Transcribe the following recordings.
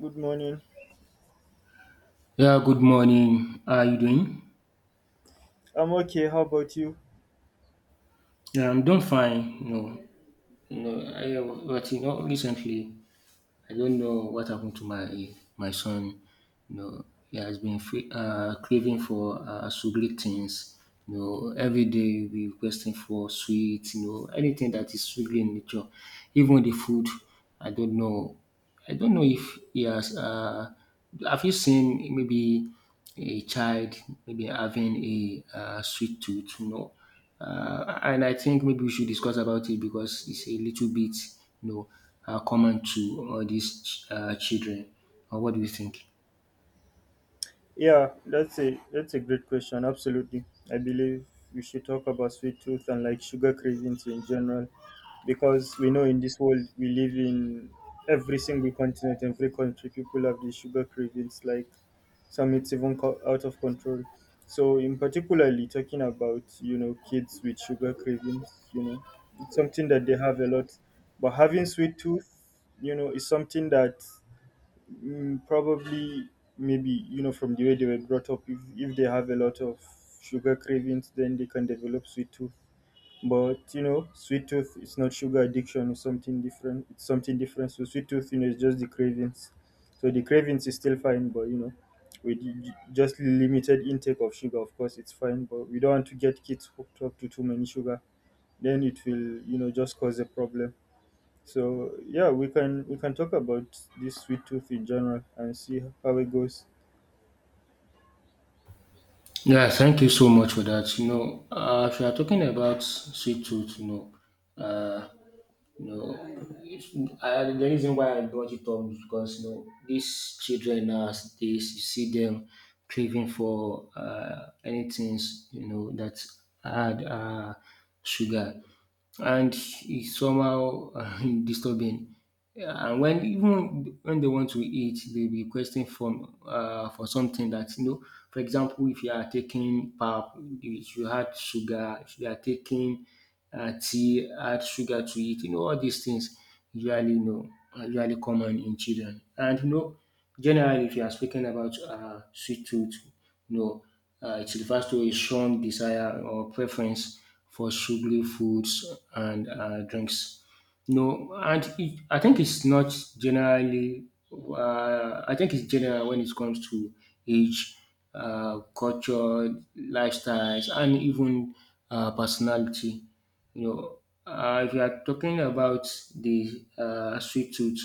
Good morning. Yeah, good morning. How are you doing? I'm okay. How about you? Yeah, I'm doing fine. You know, I, but you know, Recently, I don't know what happened to my son. You know, he has been free, craving for sugary things. You know, every day he'll be requesting for sweets. You know, anything that is sugary in nature, even the food. I don't know I don't know if he has, have you seen maybe a child maybe having a sweet tooth? And I think maybe we should discuss about it because it's a little bit, you know, common to all these children. Or what do you think? Yeah, that's a great question. Absolutely. I believe we should talk about sweet tooth and like sugar cravings in general, because we know in this world we live in, every single continent, every country, people have these sugar cravings. Like, some, it's even out of control. So, in particularly talking about, kids with sugar cravings, it's something that they have a lot. But having sweet tooth, is something that probably, maybe, from the way they were brought up, if they have a lot of sugar cravings, then they can develop sweet tooth. But, sweet tooth is not sugar addiction. It's something different. It's something different. So, sweet tooth, is just the cravings. So, the cravings is still fine, but, with just limited intake of sugar, of course, it's fine. But we don't want to get kids hooked up to too many sugar. Then it will, just cause a problem. So yeah, we can talk about this sweet tooth in general and see how it goes. Yeah, thank you so much for that. You know, if you are talking about sweet tooth, you know, No, if, I, the reason why I brought it up is because you know these children as they you see them craving for anything you know that add sugar, and it's somehow disturbing. Yeah, And when even when they want to eat, they be requesting from for something that you know. For example, if you are taking pap, if you had sugar, if you are taking tea, add sugar to it. All these things usually you know are usually common in children. And you know generally if you are speaking about sweet tooth, you know it refers to a strong desire or preference for sugary foods and drinks. No, and it, I think it's not generally. I think it's general when it comes to age, culture, lifestyles, and even personality. You know, if you are talking about the sweet tooth,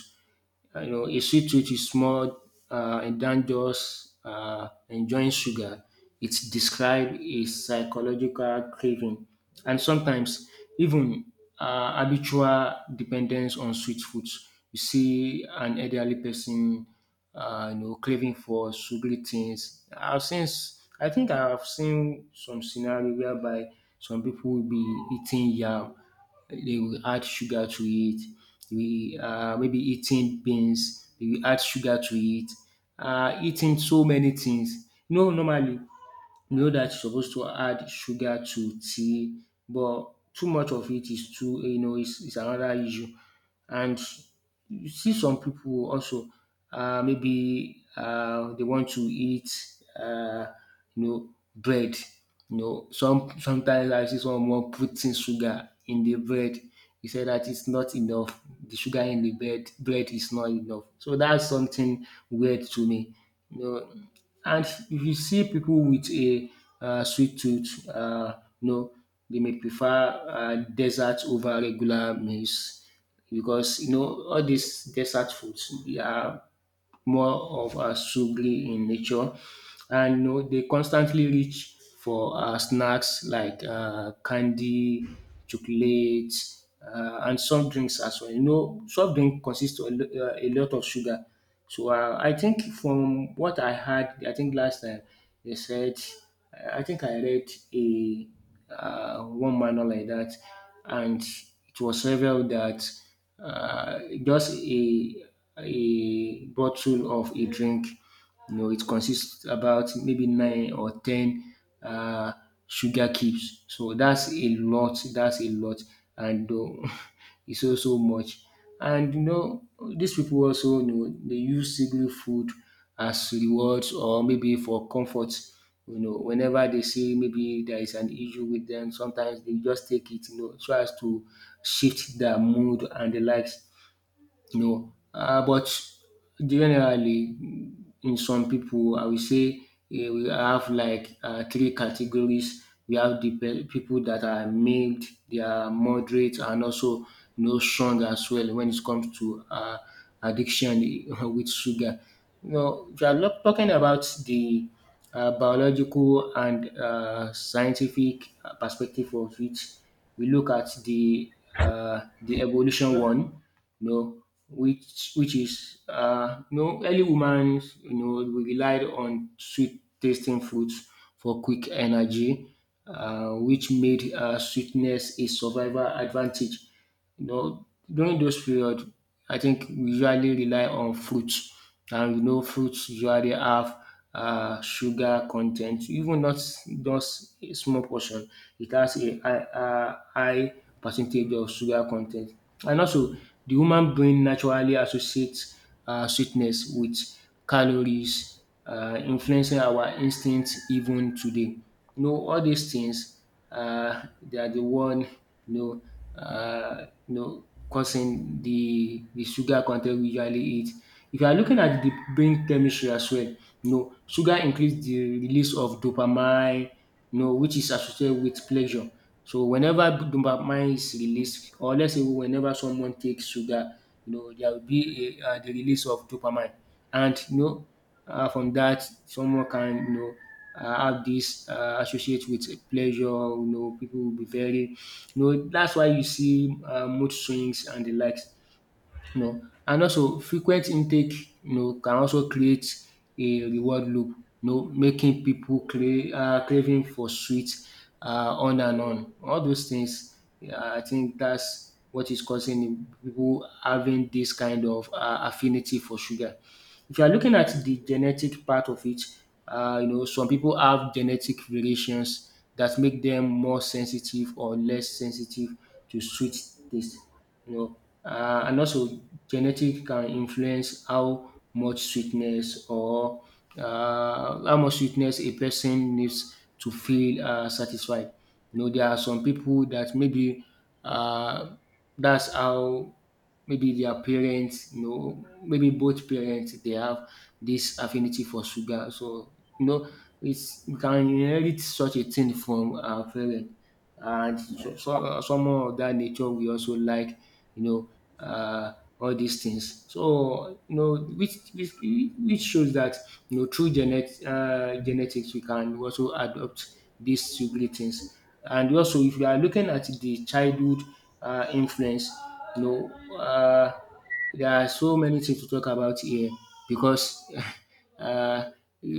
you know, a sweet treat is more and than just enjoying sugar. It describes a psychological craving and sometimes even habitual dependence on sweet foods. You see an elderly person, you know, craving for sugary things. I think I've seen some scenario whereby some people will be eating yam they will add sugar to it. We maybe eating beans, they will add sugar to it. Eating so many things. You know, normally know that you're supposed to add sugar to tea, but too much of it is too you know is another issue. And you see some people also maybe they want to eat you know bread. You know sometimes I see someone putting sugar in the bread. He said that it's not enough. The sugar in the bread is not enough. So that's something weird to me. You know, and if you see people with a sweet tooth, you know, they may prefer desserts over regular meals because you know all these desert foods they are more of a sugary in nature and you know they constantly reach for snacks like candy, chocolate, and some drinks as well. You know, soft drink consists of a a lot of sugar. So I think from what I had, I think last time they said, I think I read a one manual like that, and it was revealed that just a bottle of a drink. You know, it consists about maybe nine or ten uh, sugar cubes. So that's a lot. That's a lot, and it's also much. And you know, these people also you know they use single food as rewards or maybe for comfort. You know, whenever they see maybe there is an issue with them, sometimes they just take it, you know, so as to shift their mood and the likes. No, but generally in some people, I will say we have like three categories. We have the pe pipu dat are mild, they are moderate and also you know strong as well when it comes to addiction with sugar. Now if you are lo talking about the biological and scientific perspective of it, we look at the evolution one, you know which is you know early women you know relied on sweet tasting fruits for quick energy which made sweetness a survival advantage. You know during those period I think we usually rely on fruits and you know fruits usually have sugar content, even not just a small portion, it has a high, high percentage of sugar content. And also, the human brain naturally associates sweetness with calories, influencing our instinct even today. You know, all these things, they are the one you know, you know, causing the sugar content we usually eat. If you are looking at the brain chemistry as well, you know, sugar increase the release of dopamine, you know, which is associated with pleasure. So whenever dopamine is released, or let's say whenever someone takes sugar, you know, there will be the release of dopamine, and you know from that, someone can you know have this associate with pleasure. You know, people will be very you know. That's why you see mood swings and the likes. You know, and also frequent intake. You know, can also create a reward loop. You know, making people craving for sweets on and on. All those things. Yeah, I think that's what is causing people having this kind of affinity for sugar. If you are looking at the genetic part of it, you know, some people have genetic variations that make them more sensitive or less sensitive to sweet taste. You know, and also genetic can influence how much sweetness or how much sweetness a person needs to feel satisfied. You know, there are some people that maybe uh, that's how maybe their parents, you know, maybe both parents they have this affinity for sugar. So you know, it's we can inherit such a thing from our parents, and so someone of that nature we also like, you know, uh, all these things. So you know, which shows that you know through genetics we can also adopt these sugary things. And also, if you are looking at the childhood influence, you know, um there are so many things to talk about here because uh,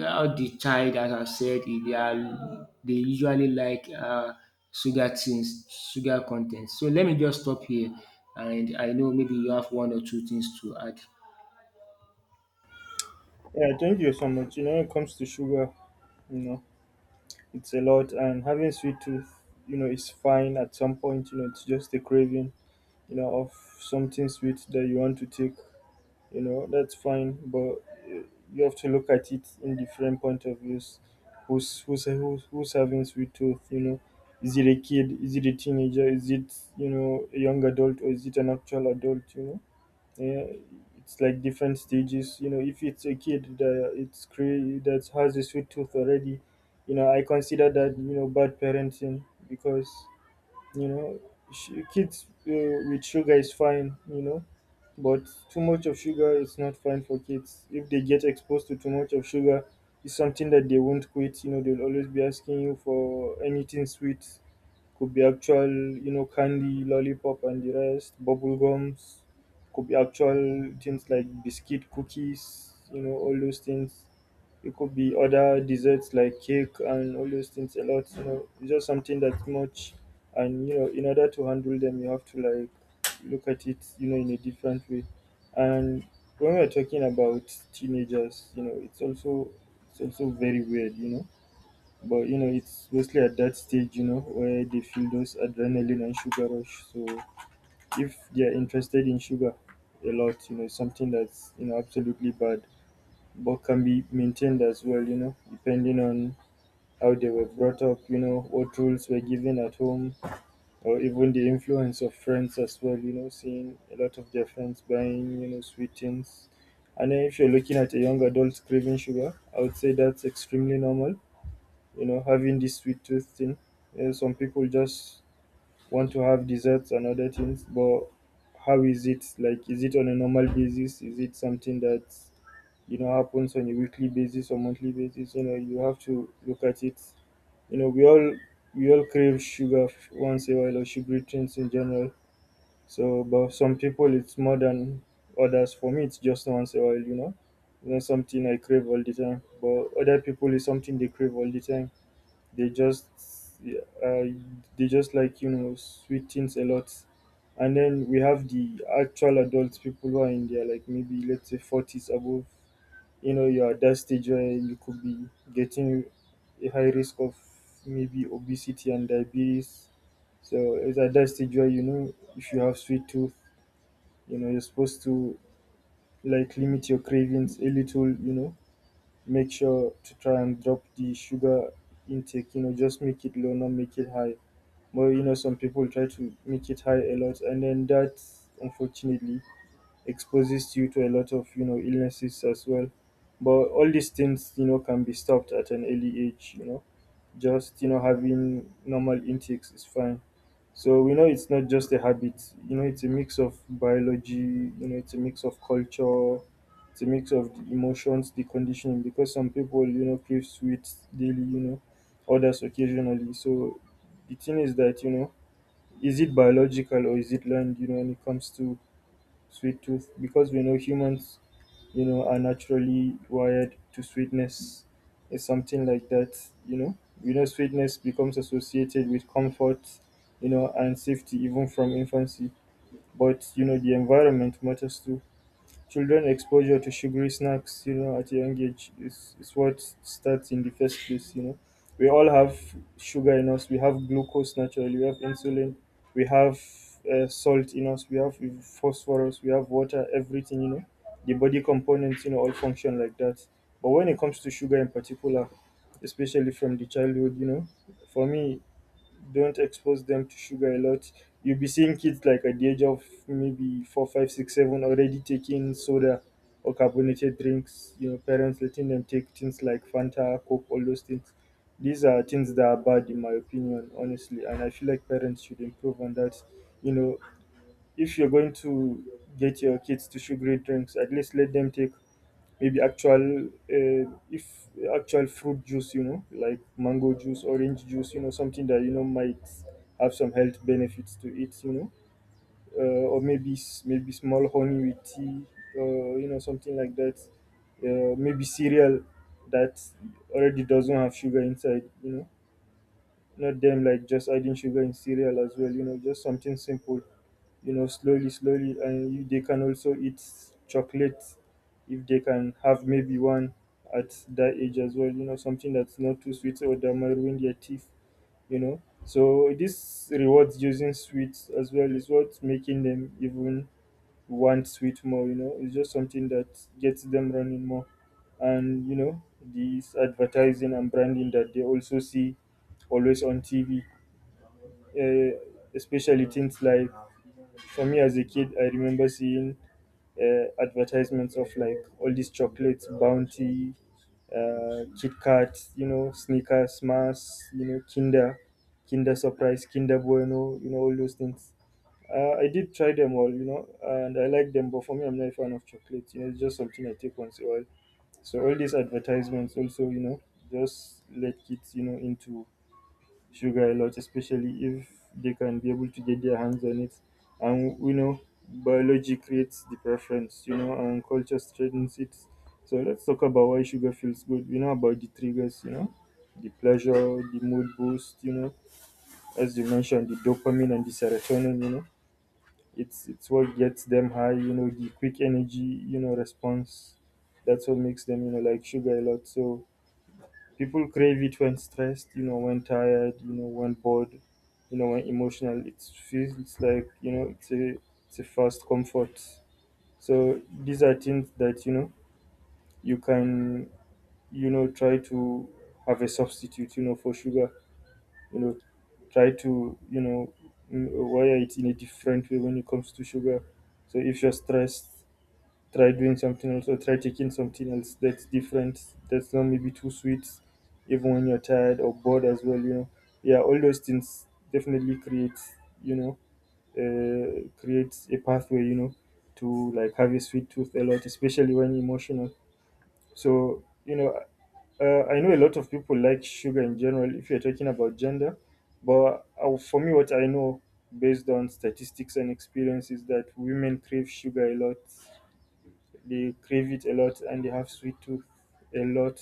how the child as I said they usually like sugar things, sugar con so let me just stop here and I know maybe you have one or two things to add. Yeah, thank you so much. When it comes to sugar, you know, it's a lot, and having sweet tooth, is fine at some point. You know, it's just a craving, of something sweet that you want to take, you know, that's fine. But uh, you have to look at it in different point of views. Who's having sweet tooth, you know? Is it a kid, is it a teenager, is it, you know, a young adult, or is it an actual adult, you know? Yeah, it's like different stages. You know, if it's a kid that has a sweet tooth already, you know, I consider that, you know, bad parenting, because, you know, kids with sugar is fine, you know, but too much of sugar is not fine for kids. If they get exposed to too much of sugar, it's something that they won't quit. You know, they'll always be asking you for anything sweet. Could be actual, you know, candy, lollipop, and the rest, bubble gums. Could be actual things like biscuit, cookies. You know, all those things. It could be other desserts like cake and all those things a lot. You know, it's just something that's much, and you know, in order to handle them, you have to, like, look at it, you know, in a different way. And when we're talking about teenagers, you know, it's also, very weird, you know. But you know, it's mostly at that stage, you know, where they feel those adrenaline and sugar rush. So if they are interested in sugar a lot, you know, it's something that's, you know, absolutely bad, but can be maintained as well, you know, depending on how they were brought up, you know, what rules were given at home, or even the influence of friends as well, you know, seeing a lot of their friends buying, you know, sweet things. And then if you're looking at a young adult craving sugar, I would say that's extremely normal, you know, having this sweet tooth thing. Yeah, some people just want to have desserts and other things, but how is it? Like, is it on a normal basis? Is it something that's, happens on a weekly basis or monthly basis? You know, you have to look at it. You know, we all crave sugar once in a while, or sugary drinks in general. So, but some people it's more than others. For me, it's just once in a while. You know, something I crave all the time, but other people, is something they crave all the time. They just, yeah, they just like, you know, sweet things a lot. And then we have the actual adult people who are in their, like, maybe, let's say, 40s above. You know, you're at that stage where you could be getting a high risk of maybe obesity and diabetes. So it's at that stage where, you know, if you have sweet tooth, you know, you're supposed to, like, limit your cravings a little. You know, make sure to try and drop the sugar intake. You know, just make it low, not make it high. But you know, some people try to make it high a lot, and then that, unfortunately, exposes you to a lot of, you know, illnesses as well. But all these things, you know, can be stopped at an early age, you know. Just, you know, having normal intakes is fine. So we know it's not just a habit. You know, it's a mix of biology, you know, it's a mix of culture, it's a mix of the emotions, the conditioning, because some people, you know, crave sweets daily, you know, others occasionally. So the thing is that, you know, is it biological or is it learned, you know, when it comes to sweet tooth, because we know humans, you know, are naturally wired to sweetness. It's something like that, you know. You know, sweetness becomes associated with comfort, you know, and safety even from infancy. But you know, the environment matters too. Children exposure to sugary snacks, you know, at a young age is, what starts in the first place, you know. We all have sugar in us, we have glucose naturally, we have insulin, we have salt in us, we have phosphorus, we have water, everything, you know. The body components, you know, all function like that. But when it comes to sugar in particular, especially from the childhood, you know, for me, don't expose them to sugar a lot. You'll be seeing kids like at the age of maybe four, five, six, seven already taking soda or carbonated drinks. You know, parents letting them take things like Fanta, Coke, all those things. These are things that are bad, in my opinion, honestly. And I feel like parents should improve on that. You know, if you're going to get your kids to sugary drinks, at least let them take maybe actual, if actual fruit juice, you know, like mango juice, orange juice, you know, something that, you know, might have some health benefits to it, you know. Or maybe maybe small honey with tea, you know, something like that, maybe cereal that already doesn't have sugar inside, you know, not them like just adding sugar in cereal as well, you know, just something simple, you know, slowly slowly, and you, they can also eat chocolate. If they can have maybe one at that age as well, you know, something that's not too sweet or that might ruin their teeth, you know. So this rewards using sweets as well is what's making them even want sweet more, you know. It's just something that gets them running more. And you know, these advertising and branding that they also see always on TV, uh, especially things like, for me as a kid, I remember seeing advertisements of like all these chocolates, Bounty, Kit Kat, you know, Snickers, Mars, you know, Kinder, Kinder Surprise, Kinder Bueno, you know, all those things. I did try them all, you know, and I like them, but for me, I'm not a fan of chocolate. You know, it's just something I take once in a while. So all these advertisements also, you know, just let kids, you know, into sugar a lot, especially if they can be able to get their hands on it. And we know biology creates the preference, you know, and culture strengthens it. So let's talk about why sugar feels good. We know about the triggers, you know, the pleasure, the mood boost, you know, as you mentioned, the dopamine and the serotonin, you know, it's what gets them high, you know, the quick energy, you know, response. That's what makes them, you know, like sugar a lot. So people crave it when stressed, you know, when tired, you know, when bored, you know, when emotional. It feels like, you know, it's a fast comfort. So these are things that, you know, you can, you know, try to have a substitute, you know, for sugar, you know, try to, you know, wire it in a different way when it comes to sugar. So if you're stressed, try doing something else or try taking something else that's different that's not maybe too sweet, even when you're tired or bored as well, yeah, all those things definitely you know creates a pathway to like have a sweet tooth a lot, especially when emotional. So I know a lot of people like sugar in general, if you're talking about gender. But for me, what I know based on statistics and experience is that women crave sugar a lot. They crave it a lot, and they have sweet tooth a lot.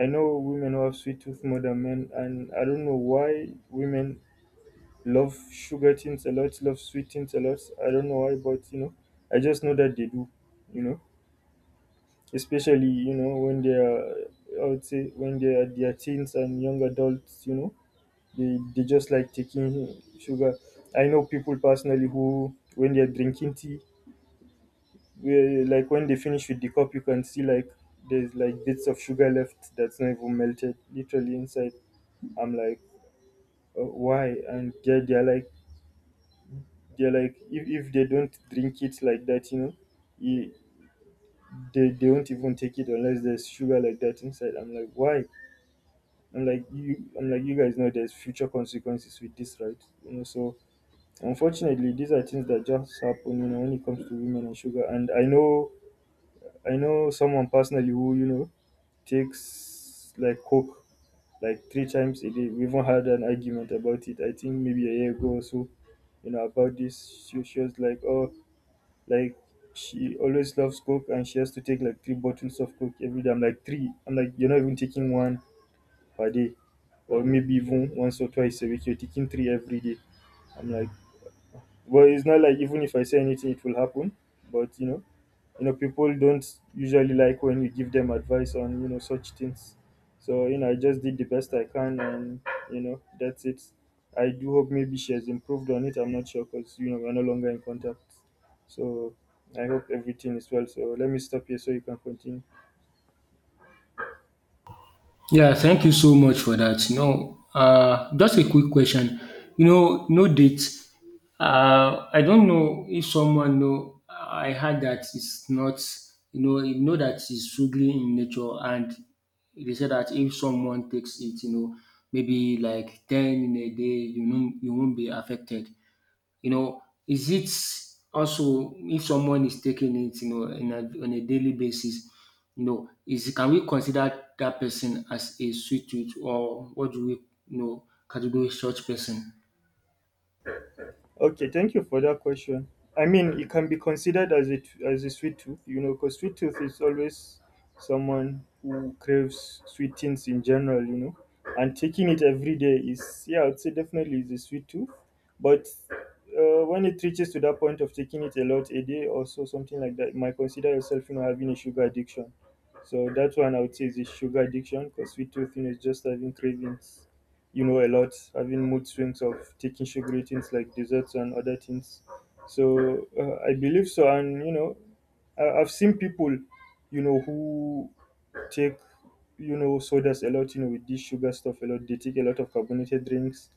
I know women who have sweet tooth more than men, and I don't know why women love sugar things a lot, love sweet things a lot. I don't know why, but I just know that they do, you know, especially when they are, I would say, when they are their teens and young adults. They just like taking sugar. I know people personally who, when they are drinking tea, yeah, like when they finish with the cup, you can see like there's like bits of sugar left that's not even melted, literally inside. I'm like, why? And they're like, if they don't drink it like that, you, they won't even take it unless there's sugar like that inside. I'm like, why? I'm like, you guys know there's future consequences with this, right? So unfortunately, these are things that just happen, when it comes to women and sugar. And I know someone personally who takes like coke like three times a day. We even had an argument about it, I think maybe a year ago or so, about this. She was like, oh, like she always loves coke and she has to take like three bottles of coke every day. I'm like, three. I'm like, you're not even taking one per day or maybe even once or twice a week. You're taking three every day. I'm like, well, it's not like even if I say anything, it will happen. But people don't usually like when you give them advice on such things, so I just did the best I can, and that's it. I do hope maybe she has improved on it. I'm not sure because we're no longer in contact, so I hope everything is well. So let me stop here so you can continue. Yeah, thank you so much for that. You know, just a quick question. You know, no date. I don't know if someone know. I heard that it's not. You know that it's strictly in nature, and they say that if someone takes it, you know, maybe like 10 in a day, you know, you won't be affected. You know, is it also if someone is taking it, you know, on a daily basis, you know, is can we consider that person as a sweet tooth or what do we, you know, categorize such person? Okay, thank you for that question. I mean, it can be considered as as a sweet tooth, because sweet tooth is always someone who craves sweet things in general, and taking it every day is, yeah, I'd say definitely is a sweet tooth. But when it reaches to that point of taking it a lot a day or so, something like that, you might consider yourself, having a sugar addiction. So that one I would say is a sugar addiction because sweet tooth, is just having cravings a lot, having mood swings of taking sugary things like desserts and other things. So I believe so, and I've seen people, who take sodas a lot, with this sugar stuff a lot. They take a lot of carbonated drinks,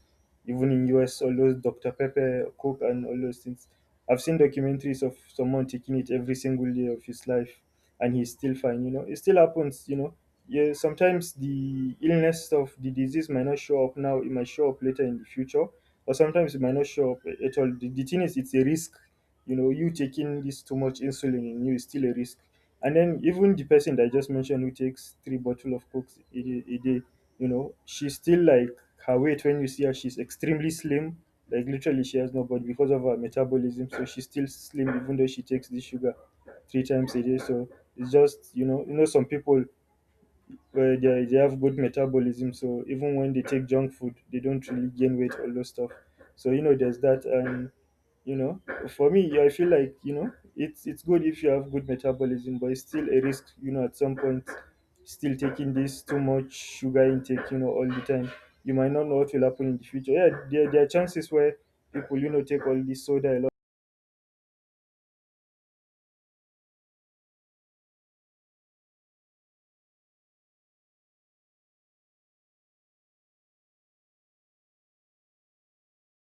even in US, all those Dr. Pepper, Coke, and all those things. I've seen documentaries of someone taking it every single day of his life, and he's still fine. It still happens. Yeah. Sometimes the illness of the disease might not show up now; it might show up later in the future, or sometimes it might not show up at all. The thing is, it's a risk. You taking this too much insulin in you is still a risk, and then even the person that I just mentioned who takes three bottle of Coke a day, she's still like, her weight when you see her, she's extremely slim. Like literally, she has no body because of her metabolism. So she's still slim even though she takes this sugar three times a day. So it's just some people where they have good metabolism. So even when they take junk food, they don't really gain weight. All those stuff. So, there's that, and you know, for me, I feel like it's good if you have good metabolism, but it's still a risk. At some point, still taking this too much sugar intake. All the time, you might not know what will happen in the future. Yeah, there are chances where people take all this soda a lot